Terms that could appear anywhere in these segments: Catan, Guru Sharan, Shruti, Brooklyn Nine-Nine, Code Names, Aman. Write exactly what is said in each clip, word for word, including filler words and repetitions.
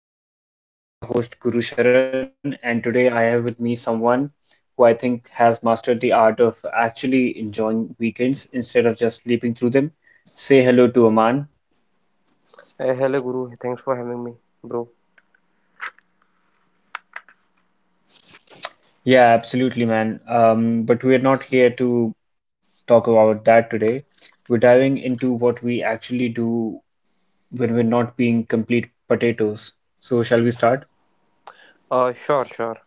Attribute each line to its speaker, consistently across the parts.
Speaker 1: Of Weekend Vibes. I'm your host Guru Sharan, and today I have with me someone who I think has mastered the art of actually enjoying weekends instead of just sleeping through them. Say hello to Aman.
Speaker 2: Hey, hello, Guru. Thanks for having me, bro.
Speaker 1: Yeah, absolutely, man. Um, but we're not here to talk about that today. We're diving into what we actually do when we're not being complete potatoes. So, shall we start?
Speaker 2: Uh, sure, sure.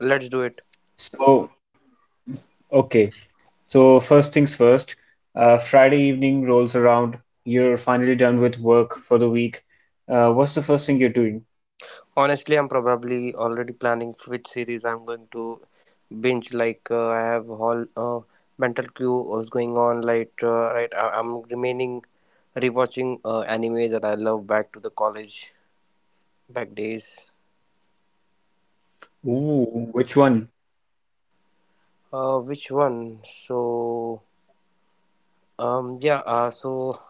Speaker 2: Let's do it.
Speaker 1: So, okay. So first things first, uh, Friday evening rolls around. You're finally done with work for the week. Uh, what's the first thing you're doing?
Speaker 2: Honestly, I'm probably already planning which series I'm going to binge. Like, uh, I have whole uh, mental queue was going on. Like, uh, right, I- I'm remaining rewatching uh, anime that I love back to the college back days.
Speaker 1: Ooh, which one?
Speaker 2: Uh, which one? So, um, yeah. Uh, so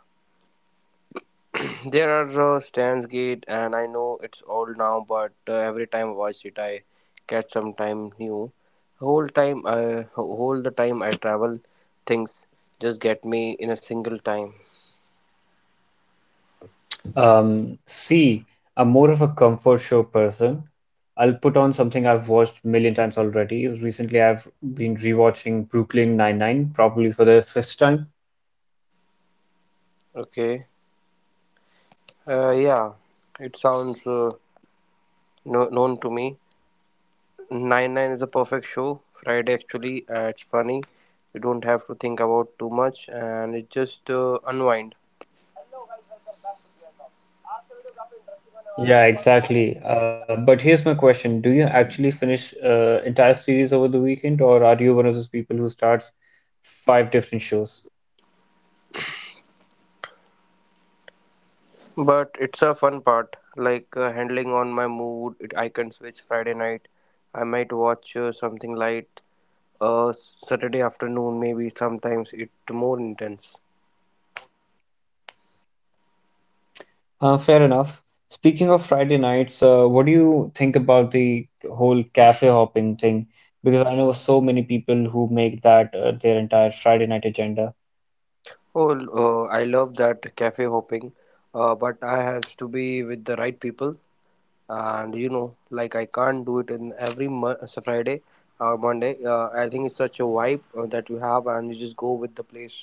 Speaker 2: there are uh, Stan's Gate, and I know it's old now, but uh, every time I watch it, I catch some time new. Whole time, uh, whole the time I travel, things just get me in a single time.
Speaker 1: Um, see, I'm more of a comfort show person. I'll put on something I've watched a million times already. Recently, I've been rewatching Brooklyn Nine-Nine, probably for the fifth time.
Speaker 2: Okay, uh, yeah, it sounds uh, no- known to me. Nine Nine is a perfect show. Friday actually, uh, it's funny. You don't have to think about too much, and it just uh, unwinds.
Speaker 1: Yeah, exactly. Uh, but here's my question. Do you actually finish uh, entire series over the weekend, or are you one of those people who starts five different shows?
Speaker 2: But it's a fun part, like uh, handling on my mood. It, I can switch Friday night. I might watch uh, something light. Uh, Saturday afternoon, maybe sometimes it more intense.
Speaker 1: Uh, fair enough. Speaking of Friday nights, uh, what do you think about the whole cafe hopping thing? Because I know so many people who make that uh, their entire Friday night agenda.
Speaker 2: Oh, uh, I love that cafe hopping, uh, but I has to be with the right people. And you know like I can't do it in every mo- uh, so Friday or Monday uh, I think it's such a vibe uh, that you have and you just go with the place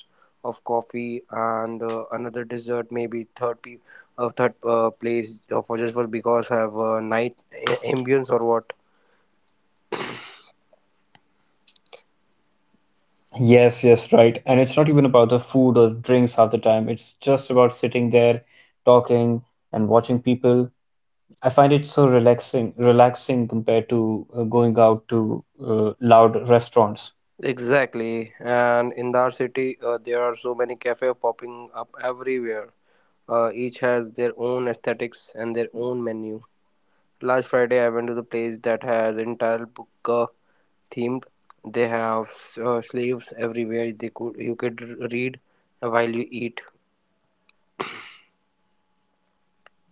Speaker 2: of coffee and uh, another dessert maybe third pe- uh, third uh, place uh, for just for because have uh, night a- ambience or what
Speaker 1: Yes, yes, right. And it's not even about the food or drinks half the time. It's just about sitting there, talking and watching people. I find it so relaxing, relaxing compared to uh, going out to uh, loud restaurants.
Speaker 2: exactly. And in our city uh, there are so many cafes popping up everywhere, uh, each has their own aesthetics and their own menu. Last Friday I went to the place that has entire book themed. They have uh, sleeves everywhere. They could you could read while you eat.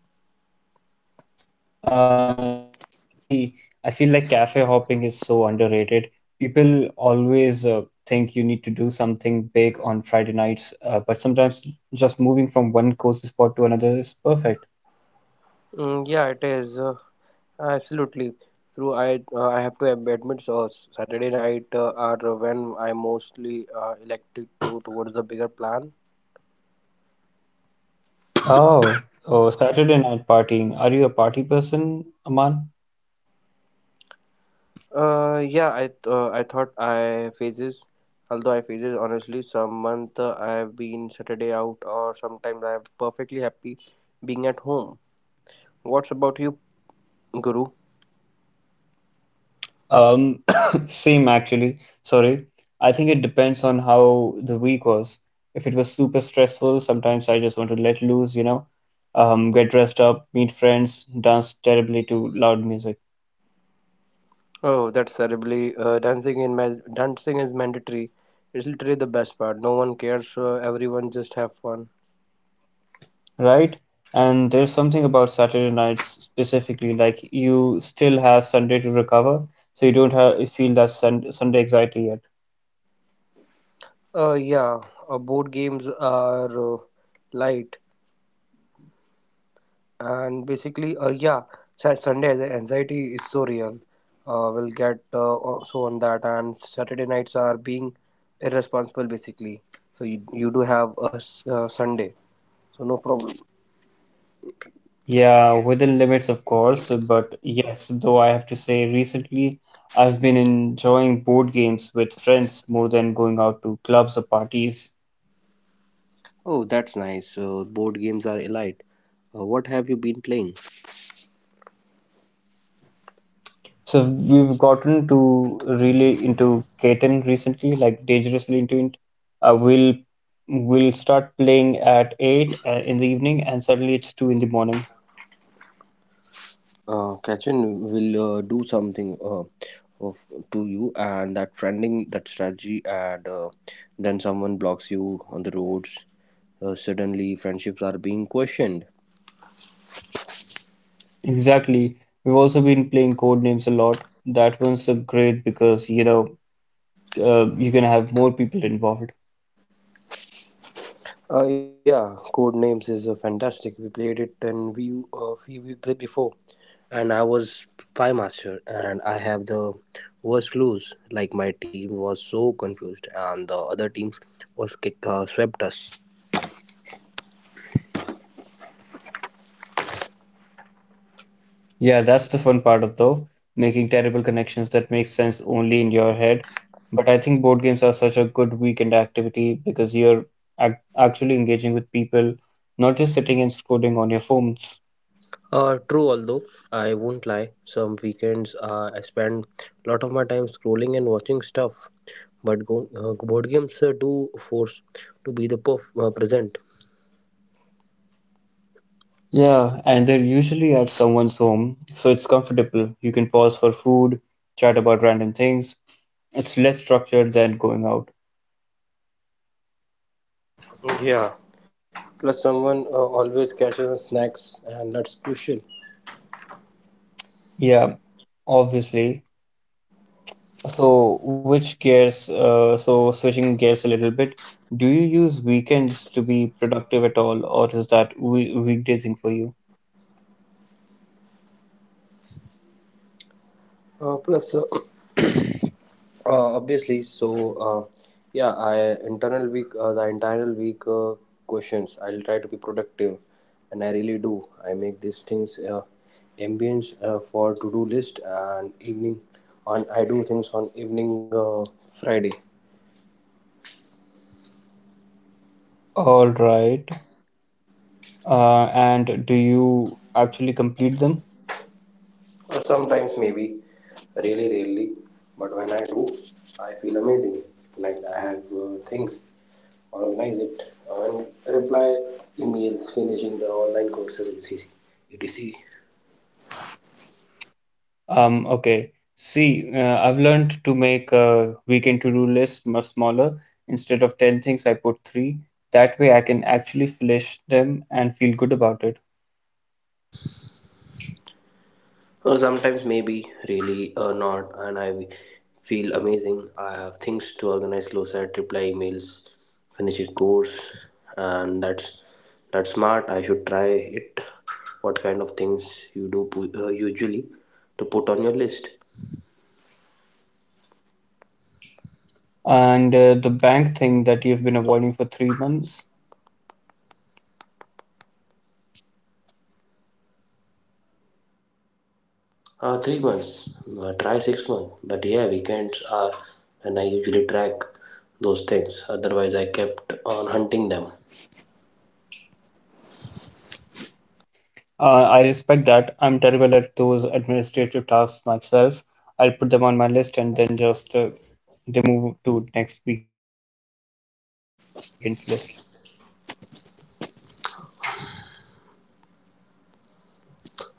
Speaker 1: Uh, that sounds amazing. See, I feel like cafe hopping is so underrated. People always uh, think you need to do something big on Friday nights, uh, but sometimes just moving from one cozy spot to another is perfect.
Speaker 2: Mm, yeah, it is uh, absolutely true. I uh, I have to admit, so Saturday night uh, are when I mostly uh, elected to towards the bigger plan.
Speaker 1: Oh, oh, Saturday night partying. Are you a party person, Aman?
Speaker 2: Uh, yeah, I th- uh, I thought I phases. Although I phases honestly, some month uh, I have been Saturday out, or sometimes I'm perfectly happy being at home. What's about you, Guru?
Speaker 1: Um, same actually. Sorry. I think it depends on how the week was. If it was super stressful, sometimes I just want to let loose, you know, um, get dressed up, meet friends, dance terribly to loud music,
Speaker 2: Oh, that's terribly. Uh, dancing in ma- dancing is mandatory. It's literally the best part. No one cares. Uh, everyone just have fun.
Speaker 1: right? And there's something about Saturday nights specifically, like you still have Sunday to recover, so you don't have feel that sun Sunday anxiety yet.
Speaker 2: Uh, yeah. Uh, board games are uh, light and basically, uh, yeah. Sa- Sunday the anxiety is so real. Uh, we'll get uh, also on that and Saturday nights are being irresponsible basically. So you you do have a s- uh, Sunday, so no problem.
Speaker 1: Yeah, within limits, of course, but yes, though I have to say, recently I've been enjoying board games with friends more than going out to clubs or parties.
Speaker 2: Oh, that's nice. Uh, board games are elite. Uh, what have you been playing?
Speaker 1: So we've gotten to really into Catan, like dangerously into it. Uh, we'll we'll start playing at eight uh, in the evening, and suddenly it's two in the morning.
Speaker 2: Uh, Catherine will uh, do something uh, of to you, and that friending that strategy, and uh, then someone blocks you on the roads. Uh, suddenly, friendships are being questioned.
Speaker 1: Exactly. We've also been playing Code Names a lot. That one's so great because you know uh, you can have more people involved.
Speaker 2: Uh, yeah, code names is uh, fantastic. We played it in we uh, we we played before, and I was spy master, and I have the worst clues. Like my team was so confused, and the other teams was kick, uh, swept us.
Speaker 1: Yeah, that's the fun part of though, making terrible connections that make sense only in your head. But I think board games are such a good weekend activity because you're ac actually engaging with people, not just sitting and scrolling on your phones.
Speaker 2: Uh, true, although I won't lie, some weekends uh, I spend a lot of my time scrolling and watching stuff. But go, uh, board games uh, do force to be the perf- uh, present.
Speaker 1: Yeah, and they're usually at someone's home, so it's comfortable. You can pause for food, chat about random things. It's less structured than going out.
Speaker 2: Yeah. Plus, someone uh, always catches on snacks, and that's crucial.
Speaker 1: Yeah, obviously. So, which gears, uh, so switching gears a little bit, do you use weekends to be productive at all, or is that we weekday thing for you?
Speaker 2: Uh, plus, uh, Uh, obviously, so uh, yeah, I internal week, uh, the internal week uh, questions. I'll try to be productive, and I really do. I make these things uh, ambience uh, for to do list and evening, on I do things on evening uh, Friday.
Speaker 1: All right. Uh, and do you actually complete them?
Speaker 2: Or sometimes maybe, really rarely, but when I do, I feel amazing. Like I have uh, things, organize it, and reply emails. Finishing the online courses is easy. It is easy.
Speaker 1: Um, okay. See, uh, I've learned to make a weekend to-do list much smaller. Instead of ten things, I put three. That way, I can actually finish them and feel good about it.
Speaker 2: Uh, sometimes maybe really or not, and I feel amazing. I have things to organize, close at reply emails, finish a course, and that's that's smart. I should try it. What kind of things you do pu- uh, usually to put on your list?
Speaker 1: And uh, the bank thing that you've been avoiding for three months.
Speaker 2: Uh, three months. Uh, try six months. But yeah, weekends are, and I usually track those things. Otherwise, I kept on hunting them.
Speaker 1: Uh, I respect that. I'm terrible at those administrative tasks myself. I'll put them on my list and then just uh, they move to next weekend's list.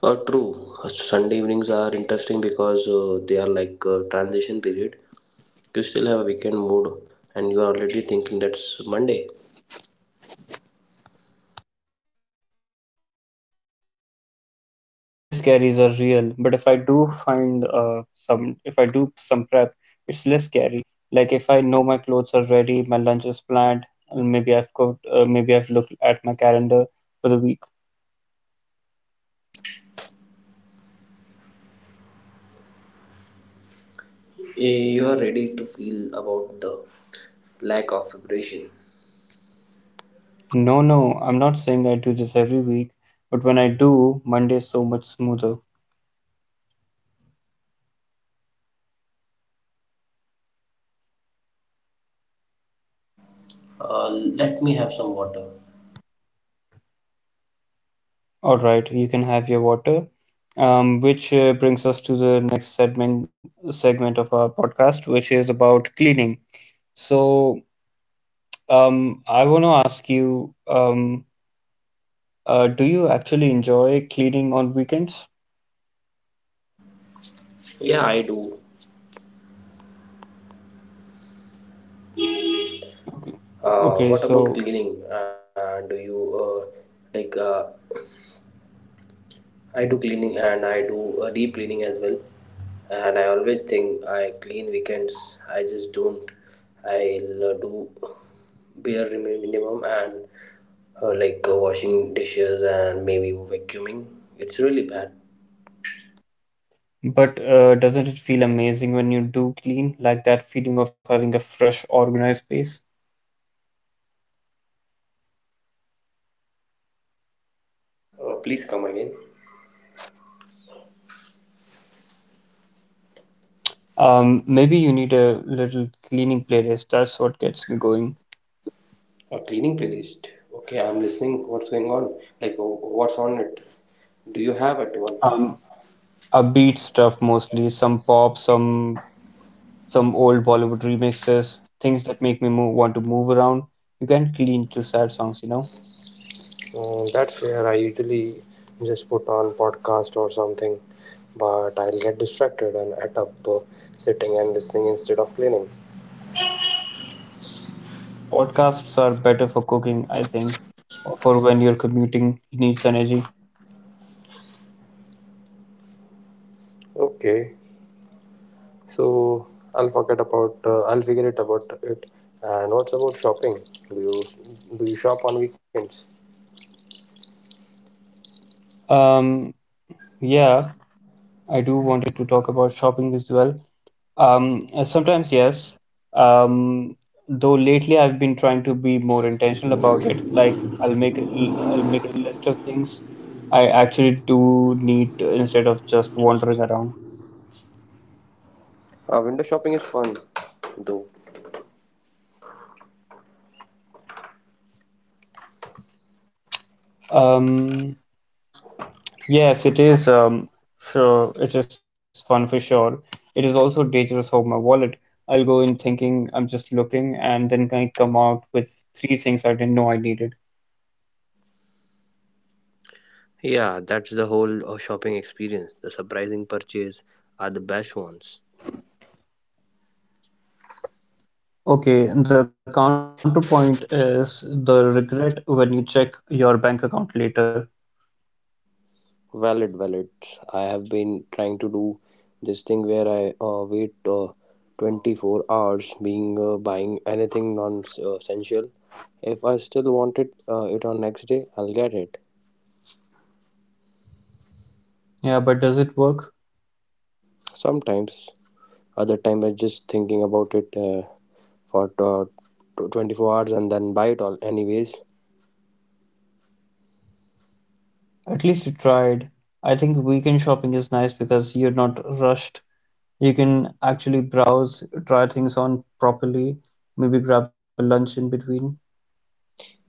Speaker 2: Uh, true. Uh, Sunday evenings are interesting because uh, they are like a transition period. You still have a weekend mood, and you are already thinking that's Monday.
Speaker 1: The Sunday scaries are real, but if I do find uh, some, if I do some prep, it's less scary. Like if I know my clothes are ready, my lunch is planned, and maybe I've cooked, uh, maybe I've looked at my calendar for the week.
Speaker 2: Eh, You are ready to feel about the lack of preparation.
Speaker 1: No, no, I'm not saying I do this every week, but when I do, Monday is so much smoother.
Speaker 2: Uh, let me have some water.
Speaker 1: All right, you can have your water. Um, which uh, brings us to the next segment segment of our podcast, which is about cleaning. So, um, I want to ask you, um, uh, do you actually enjoy cleaning on weekends?
Speaker 2: Yeah, I do.
Speaker 1: Okay.
Speaker 2: Uh,
Speaker 1: Okay,
Speaker 2: what about
Speaker 1: so,
Speaker 2: cleaning? Uh, do you uh, like uh, I do cleaning and I do uh, deep cleaning as well. And I always think I clean weekends. I just don't. I'll uh, do bare remi- minimum and uh, like uh, washing dishes and maybe vacuuming. It's really bad.
Speaker 1: but uh, doesn't it feel amazing when you do clean, like that feeling of having a fresh, organized space?
Speaker 2: Uh, please come again.
Speaker 1: Um, maybe you need a little cleaning playlist. That's what gets me going.
Speaker 2: A cleaning playlist. Okay, I'm listening. What's going on? Like, uh, what's on it? Do you have it one?
Speaker 1: Um, upbeat stuff mostly, some pop, some some old Bollywood remixes, things that make me move, want to move around. You can't clean to sad songs, you know.
Speaker 2: Uh, that's where I usually just put on podcast or something, but I'll get distracted and end up uh, sitting and listening instead of cleaning.
Speaker 1: Podcasts are better for cooking, I think, or for when you're commuting, it needs energy.
Speaker 2: Okay, so I'll forget about uh, I'll figure it about it. And what's about shopping? Do you do you shop on weekends?
Speaker 1: Um, yeah, I do wanted to talk about shopping as well. Um, uh, sometimes yes. Um, though lately I've been trying to be more intentional about it. Like I'll make a l- I'll make a list of things I actually do need to, instead of just wandering around.
Speaker 2: Uh, window shopping is fun, though.
Speaker 1: Um, yes, it is. Um, sure, it is fun for sure. It is also dangerous for my wallet. I'll go in thinking I'm just looking, and then I come out with three things I didn't know I needed.
Speaker 2: Yeah, that's the whole uh, shopping experience. The surprising purchase are the best ones.
Speaker 1: Okay, the counterpoint is the regret when you check your bank account later.
Speaker 2: Valid, valid. I have been trying to do this thing where I uh, wait uh, twenty-four hours being uh, buying anything non-essential. If I still want it, uh, it on next day, I'll get it.
Speaker 1: Yeah, but does it work?
Speaker 2: Sometimes, other time I just thinking about it uh, for uh, tw- twenty-four hours and then buy it all anyways.
Speaker 1: At least you tried. I think weekend shopping is nice because you're not rushed. You can actually browse, try things on properly, maybe grab a lunch in between.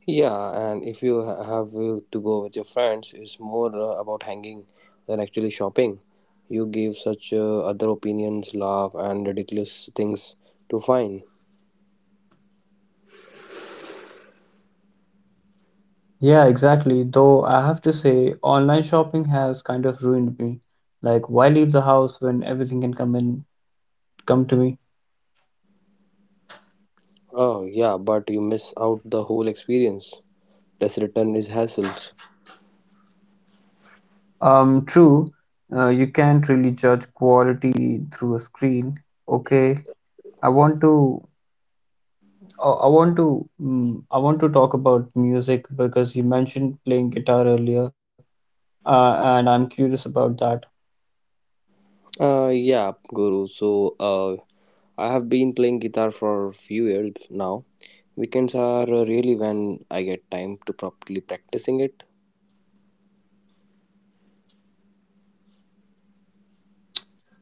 Speaker 2: Yeah, and if you ha- have uh, to go with your friends, it's more uh, about hanging than actually shopping. You give such uh, other opinions, laugh, and ridiculous things to find.
Speaker 1: Yeah, exactly. Though I have to say, online shopping has kind of ruined me. Like, why leave the house when everything can come in, come to me?
Speaker 2: Oh, yeah, but you miss out the whole experience. Less return is hassles.
Speaker 1: Um, true, uh, you can't really judge quality through a screen. Okay, I want to, I I want to, mm, I want to talk about music because you mentioned playing guitar earlier, uh, and I'm curious about that.
Speaker 2: Uh, yeah, Guru. So, uh, I have been playing guitar for a few years now. Weekends are uh, really when I get time to properly practicing it.
Speaker 1: Uh, do you play every weekend?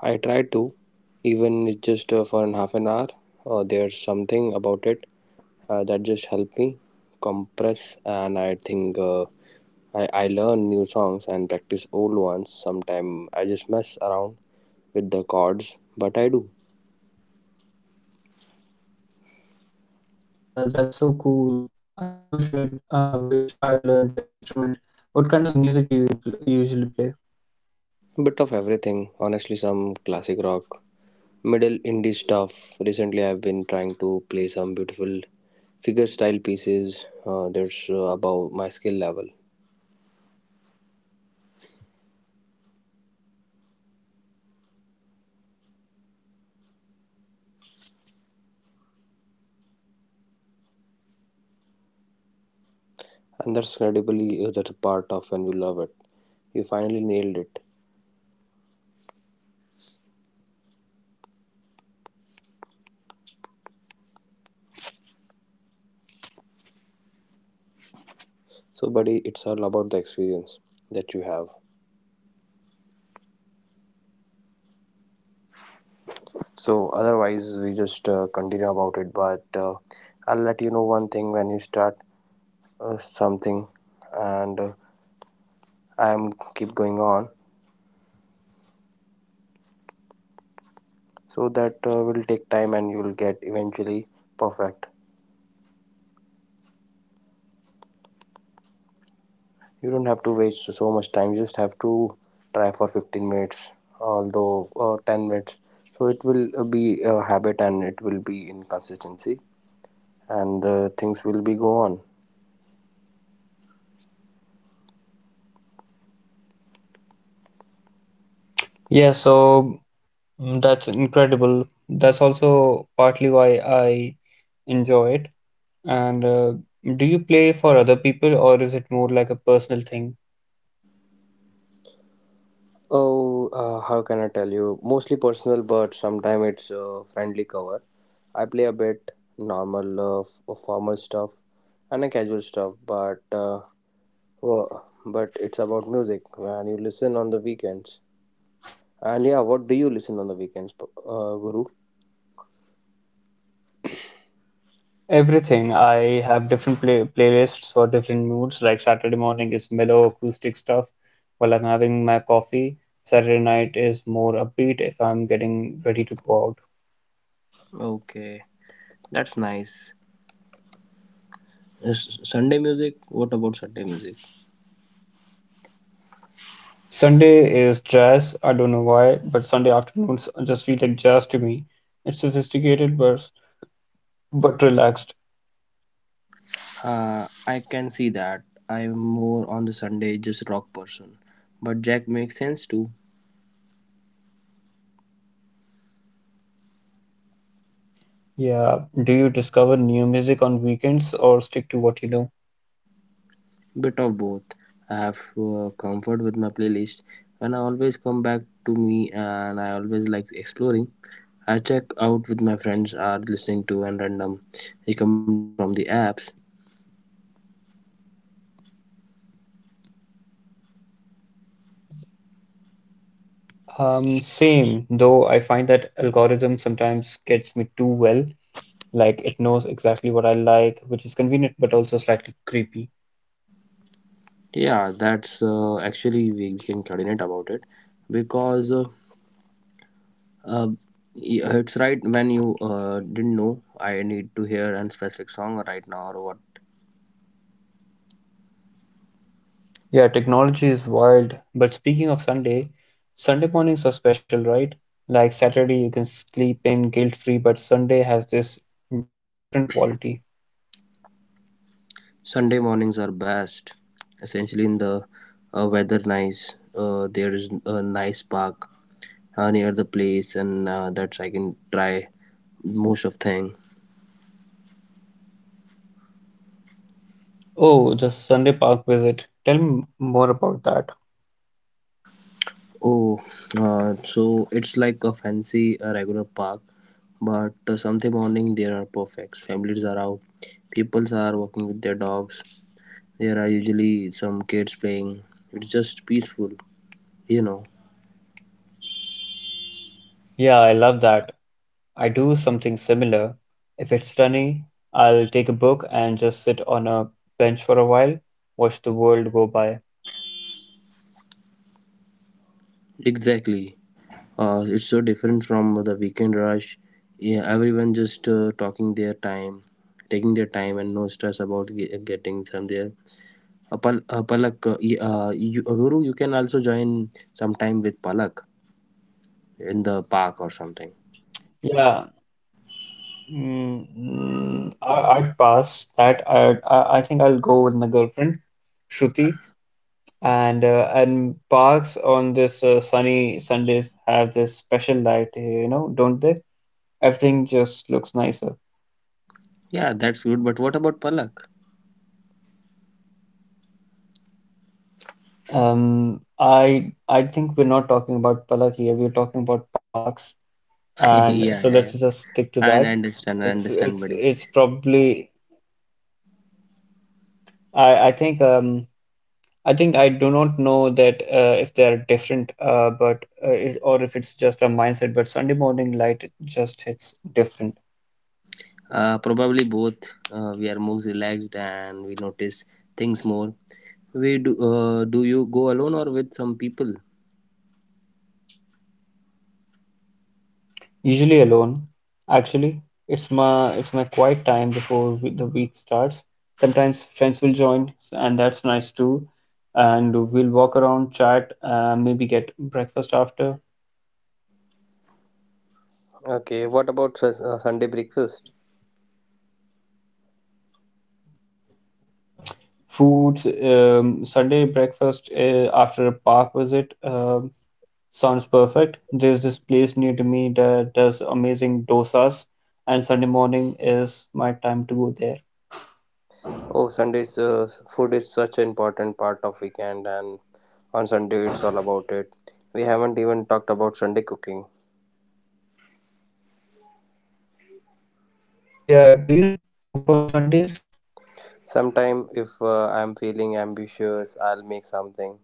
Speaker 2: I try to, even it's just uh, for an half an hour. Uh, there's something about it uh, that just help me compress, and I think uh, I I learn new songs and practice old ones. Sometimes I just mess around with the chords, but I do
Speaker 1: Yeah, that's so cool. I always would, uh, wish I'd learned an instrument. What kind of music do you pl usually play?
Speaker 2: a bit of everything. Honestly, some classic rock, middle indie stuff. Recently, I've been trying to play some beautiful figure style pieces. Uh, that's uh, above my skill level. And that's incredibly uh, that's a part of when you love it you finally nailed it so buddy it's all about the experience that you have so otherwise we just uh, continue about it but uh, I'll let you know one thing when you start uh, something and uh, I'm keep going on so that uh, will take time and you will get eventually perfect. You don't have to waste so much time. You just have to try for fifteen minutes, although or ten minutes. So it will uh, be a habit and it will be in consistency, and uh, things will be go on.
Speaker 1: Yeah, so mm, that's incredible. That's also partly why I enjoy it. And uh, do you play for other people or is it more like a personal thing?
Speaker 2: Oh, uh, how can I tell you? Mostly personal, but sometimes it's uh, friendly cover. I play a bit normal, uh, f- formal stuff and a casual stuff, but uh, wo- but it's about music when you listen on the weekends. And yeah, what do you listen on the weekends, p- uh, Guru?
Speaker 1: Everything. I have different play playlists for different moods. Like Saturday morning is mellow acoustic stuff while I'm having my coffee. Saturday night is more upbeat if I'm getting ready to go out.
Speaker 2: Okay, that's nice. S- Sunday music? What about Sunday music?
Speaker 1: Sunday is jazz. I don't know why, but Sunday afternoons just feel like jazz to me. It's sophisticated, but But relaxed,
Speaker 2: Uh, I can see that. I'm more on the Sunday just rock person. But Jack makes sense too.
Speaker 1: yeah. Do you discover new music on weekends or stick to what you know?
Speaker 2: Bit of both. I have uh, comfort with my playlist and I always come back to me and I always like exploring. I check out with my friends are listening to and random recommendation from the apps.
Speaker 1: Um, same, though I find that algorithm sometimes gets me too well. Like it knows exactly what I like, which is convenient but also slightly creepy.
Speaker 2: Yeah, that's uh, actually we, we can coordinate about it because uh, Uh, yeah, it's right when you uh, didn't know I need to hear a specific song right now or what.
Speaker 1: Yeah, technology is wild. But speaking of Sunday, Sunday mornings are special, right? Like Saturday you can sleep in guilt-free, but Sunday has this different quality.
Speaker 2: Sunday mornings are best. Essentially, in the uh, weather nice, uh, there is a nice park uh, near the place, and uh, that's I can try most of thing.
Speaker 1: Oh, the Sunday park visit. Tell me more about that.
Speaker 2: Oh, uh, so it's like a fancy uh, regular park, but uh, Sunday morning they are perfect. Families are out, peoples are walking with their dogs, there are usually some kids playing. It's just peaceful, you know.
Speaker 1: Yeah, I love that. I do something similar. If it's sunny, I'll take a book and just sit on a bench for a while, watch the world go by.
Speaker 2: Exactly. Uh, it's so different from the weekend rush. Yeah, everyone just uh, talking their time, taking their time, and no stress about ge- getting somewhere. Uh, Pal- uh, Palak, uh, y- uh, you, uh, Guru, you can also join sometime with Palak in the park or something.
Speaker 1: Yeah, mm, mm, I, I'd pass that. I, I I think I'll go with my girlfriend, Shruti, and uh, and parks on this uh, sunny Sundays have this special light, you know, don't they? Everything just looks nicer.
Speaker 2: Yeah, that's good. But what about Palak?
Speaker 1: Um, I I think we're not talking about Palak here. We're talking about parks. And
Speaker 2: Yeah,
Speaker 1: so
Speaker 2: yeah,
Speaker 1: let's
Speaker 2: yeah.
Speaker 1: just stick to
Speaker 2: I
Speaker 1: that.
Speaker 2: understand. I
Speaker 1: It's
Speaker 2: understand, buddy.
Speaker 1: it's probably I I think um I think I do not know that uh, if they are different uh, but uh, it, or if it's just a mindset. But Sunday morning light just hits different.
Speaker 2: Uh, probably both. Uh, we are more relaxed and we notice things more. We do. Uh, do you go alone or with some people?
Speaker 1: Usually alone, actually. It's my it's my quiet time before we- the week starts. Sometimes friends will join, and that's nice too. And we'll walk around, chat, uh, maybe get breakfast after.
Speaker 2: Okay, what about sus- uh, Sunday breakfast?
Speaker 1: Foods, um, Sunday breakfast uh, after a park visit um, sounds perfect. There's this place near to me that does amazing dosas, and Sunday morning is my time to go there.
Speaker 2: Oh, Sunday's uh, s- food is such an important part of weekend, and on Sunday it's all about it. We haven't even talked about Sunday cooking.
Speaker 1: Yeah, do you cook on Sundays?
Speaker 2: Sometime if uh, I'm feeling ambitious, I'll make something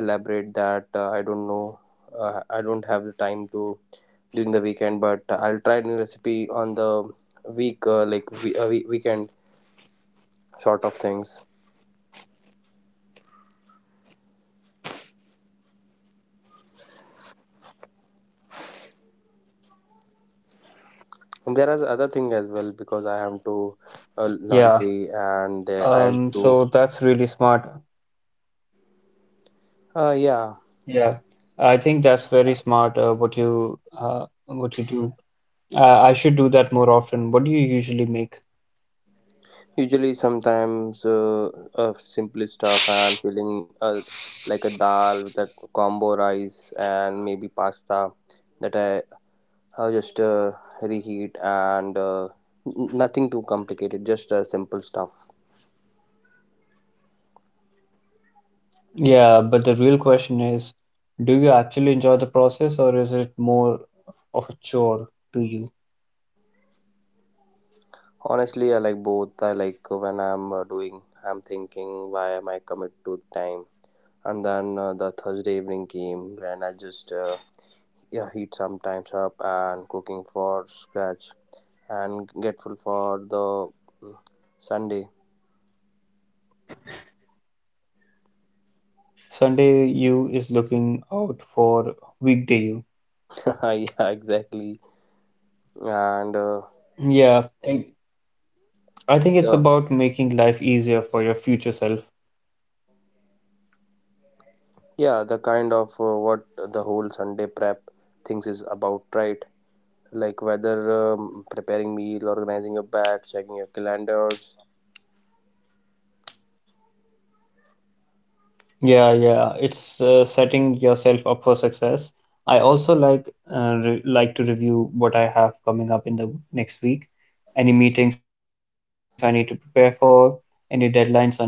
Speaker 2: elaborate that uh, I don't know. Uh, I don't have the time to during the weekend, but I'll try new recipe on the week, uh, like we, uh, we, weekend sort of things. And there are other things as well
Speaker 1: Um,
Speaker 2: because I have to uh,
Speaker 1: yeah.
Speaker 2: laundry and uh, I have
Speaker 1: Um,
Speaker 2: to.
Speaker 1: so that's really smart.
Speaker 2: Uh, yeah,
Speaker 1: Yeah. I think that's very smart uh, what you uh, what you do. Uh, I should do that more often. What do you usually make?
Speaker 2: usually sometimes uh, uh, simply stuff and feeling uh, like a dal with a combo rice and maybe pasta that I. I'll just uh, reheat and uh, n- nothing too complicated, just uh, simple stuff.
Speaker 1: Yeah, but the real question is, do you actually enjoy the process or is it more of a chore to you?
Speaker 2: Honestly, I like both. I like when I'm uh, doing, I'm thinking, why am I commit to time? And then uh, the Thursday evening came, and I just uh, yeah heat sometimes up and cooking for scratch, and grateful for the Sunday.
Speaker 1: Sunday you is looking out for weekday you.
Speaker 2: Yeah, exactly. And uh,
Speaker 1: Yeah, I I think it's
Speaker 2: the
Speaker 1: about making life easier for your future self.
Speaker 2: yeah, the kind of uh, what the whole Sunday prep things is about, right? Like whether um, preparing meal, organizing your bag, checking your calendars.
Speaker 1: Yeah, yeah, it's uh, setting yourself up for success. I also like uh, re like to review what I have coming up in the next week, any meetings I need to prepare for, any deadlines I need to be aware of.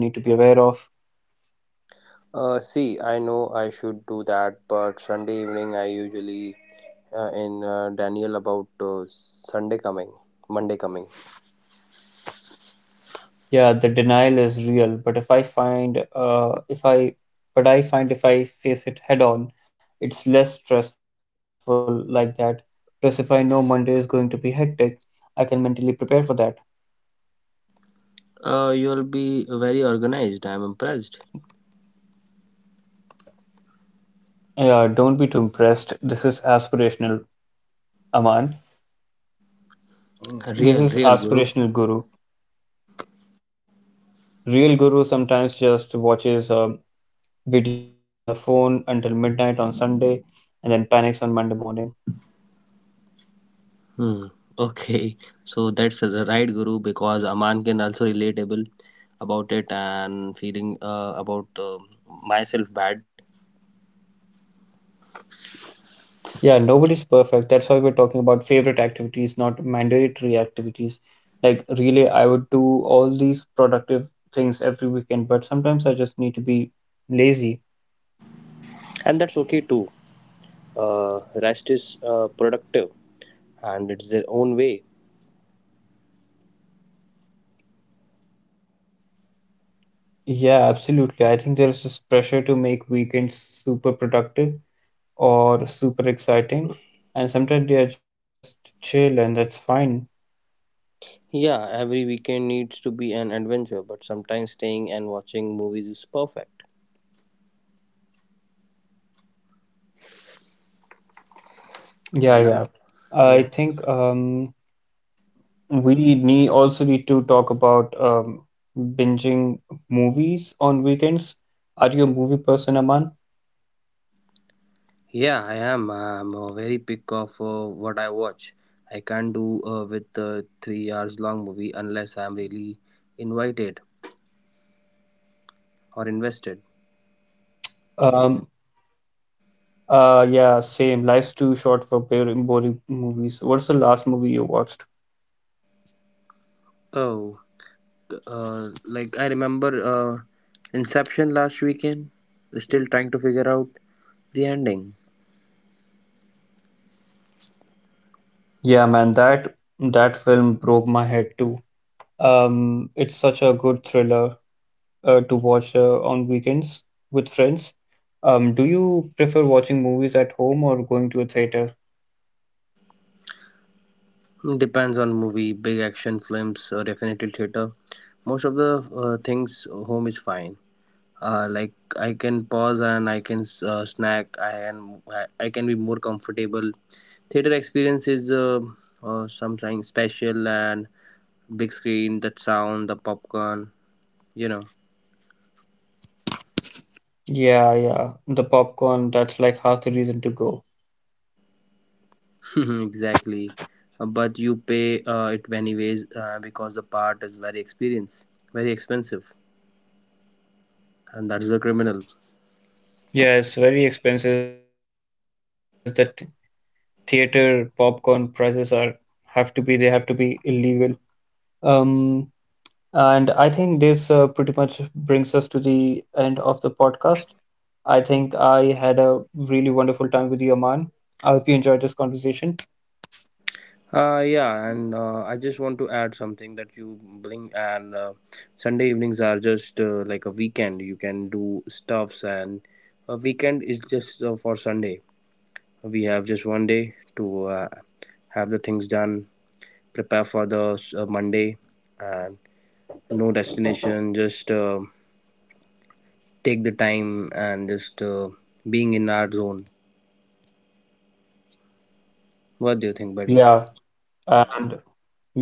Speaker 2: Uh, see, I know I should do that, but Sunday evening I usually uh, in uh, Daniel about uh, Sunday coming, Monday coming.
Speaker 1: Yeah, the denial is real, but if I find uh if I but I find if I face it head on, it's less stressful like that. Plus, if I know Monday is going to be hectic, I can mentally prepare for that.
Speaker 2: Uh, you'll be very organized. I'm impressed.
Speaker 1: Yeah, don't be too impressed. This is aspirational, Aman.
Speaker 2: Real,
Speaker 1: This is
Speaker 2: real guru.
Speaker 1: aspirational guru. Real guru sometimes just watches um videos on her phone until midnight on Sunday and then panics on Monday morning.
Speaker 2: Hmm. Okay, so that's the right guru because Aman can also relatable about it and feeling uh, about uh, myself bad,
Speaker 1: Yeah, nobody's perfect. That's why we're talking about favorite activities, not mandatory activities. Like, really, I would do all these productive things every weekend, but sometimes I just need to be lazy.
Speaker 2: and that's okay too. Uh, rest is uh, productive and it's their own way.
Speaker 1: Yeah, absolutely. I think there's this pressure to make weekends super productive or super exciting, and sometimes they are just chill, and that's fine.
Speaker 2: Yeah, every weekend needs to be an adventure, but sometimes staying and watching movies is perfect.
Speaker 1: Yeah, yeah.
Speaker 2: And i'm
Speaker 1: I
Speaker 2: yeah.
Speaker 1: think um, We need also need to talk about um, binging movies on weekends. Are you a movie person, Aman?
Speaker 2: Yeah, i am i'm uh, very pick of uh, what I watch. I can't do uh, with a three hours long movie unless I'm really invited or invested.
Speaker 1: Um, uh, Life's too short for boring, boring movies. What's the last movie you watched?
Speaker 2: Oh, uh, like I remember uh, Inception last weekend, still trying to figure out the ending.
Speaker 1: Yeah, man, that that film broke my head too. Um, it's such a good thriller uh, to watch uh, on weekends with friends. Um, do you prefer watching movies at home or going to a theater?
Speaker 2: Depends on movie, big action films, uh, definitely theater. Most of the uh, things home is fine. Uh, like I can pause and I can uh, snack. I can I can be more comfortable. Theater experience is uh, uh, something special, and big screen, that sound, the popcorn. You know.
Speaker 1: Yeah, yeah. The popcorn, that's like half the reason to go.
Speaker 2: Exactly. Uh, But you pay uh, it anyways uh, because the part is very experience, very expensive, and that's the criminal.
Speaker 1: Yeah, it's very expensive. The th- theater popcorn prices are have to be, they have to be illegal. Um, and I think this uh, pretty much brings us to the end of the podcast. I think I had a really wonderful time with you, Aman. I hope you enjoyed this conversation.
Speaker 2: Uh, yeah, and uh, I just want to add something that you bring, and uh, Sunday evenings are just uh, like a weekend. You can do stuffs, and a weekend is just uh, for Sunday. We have just one day to uh, have the things done, prepare for the uh, Monday, and no destination. Just uh, take the time and just uh, being in our zone. What do you think, buddy?
Speaker 1: Yeah,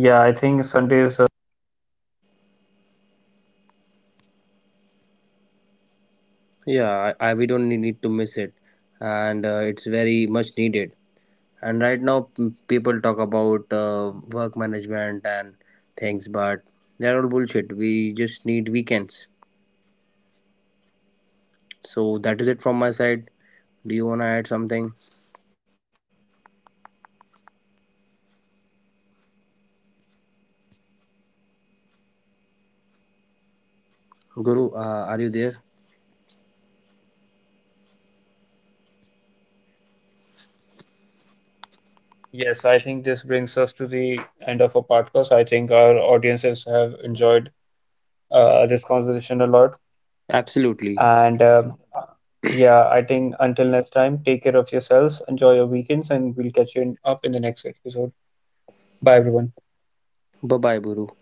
Speaker 1: and yeah, I think Sundays. Uh,
Speaker 2: Yeah, I, I we don't need to miss it, and uh, it's very much needed. And right now p- people talk about uh, work management and things, but they're all bullshit. We just need weekends. So that is it from my side. Do you want to add something, guru? Uh, are you there?
Speaker 1: yes, I think this brings us to the end of our podcast. I think our audiences have enjoyed uh, this conversation a
Speaker 2: Absolutely.
Speaker 1: lot. And um, yeah, I think until next time, take care of yourselves, enjoy your weekends, and we'll catch you in, up in the next episode.
Speaker 2: Bye
Speaker 1: Bye,
Speaker 2: bye, guru.
Speaker 1: everyone.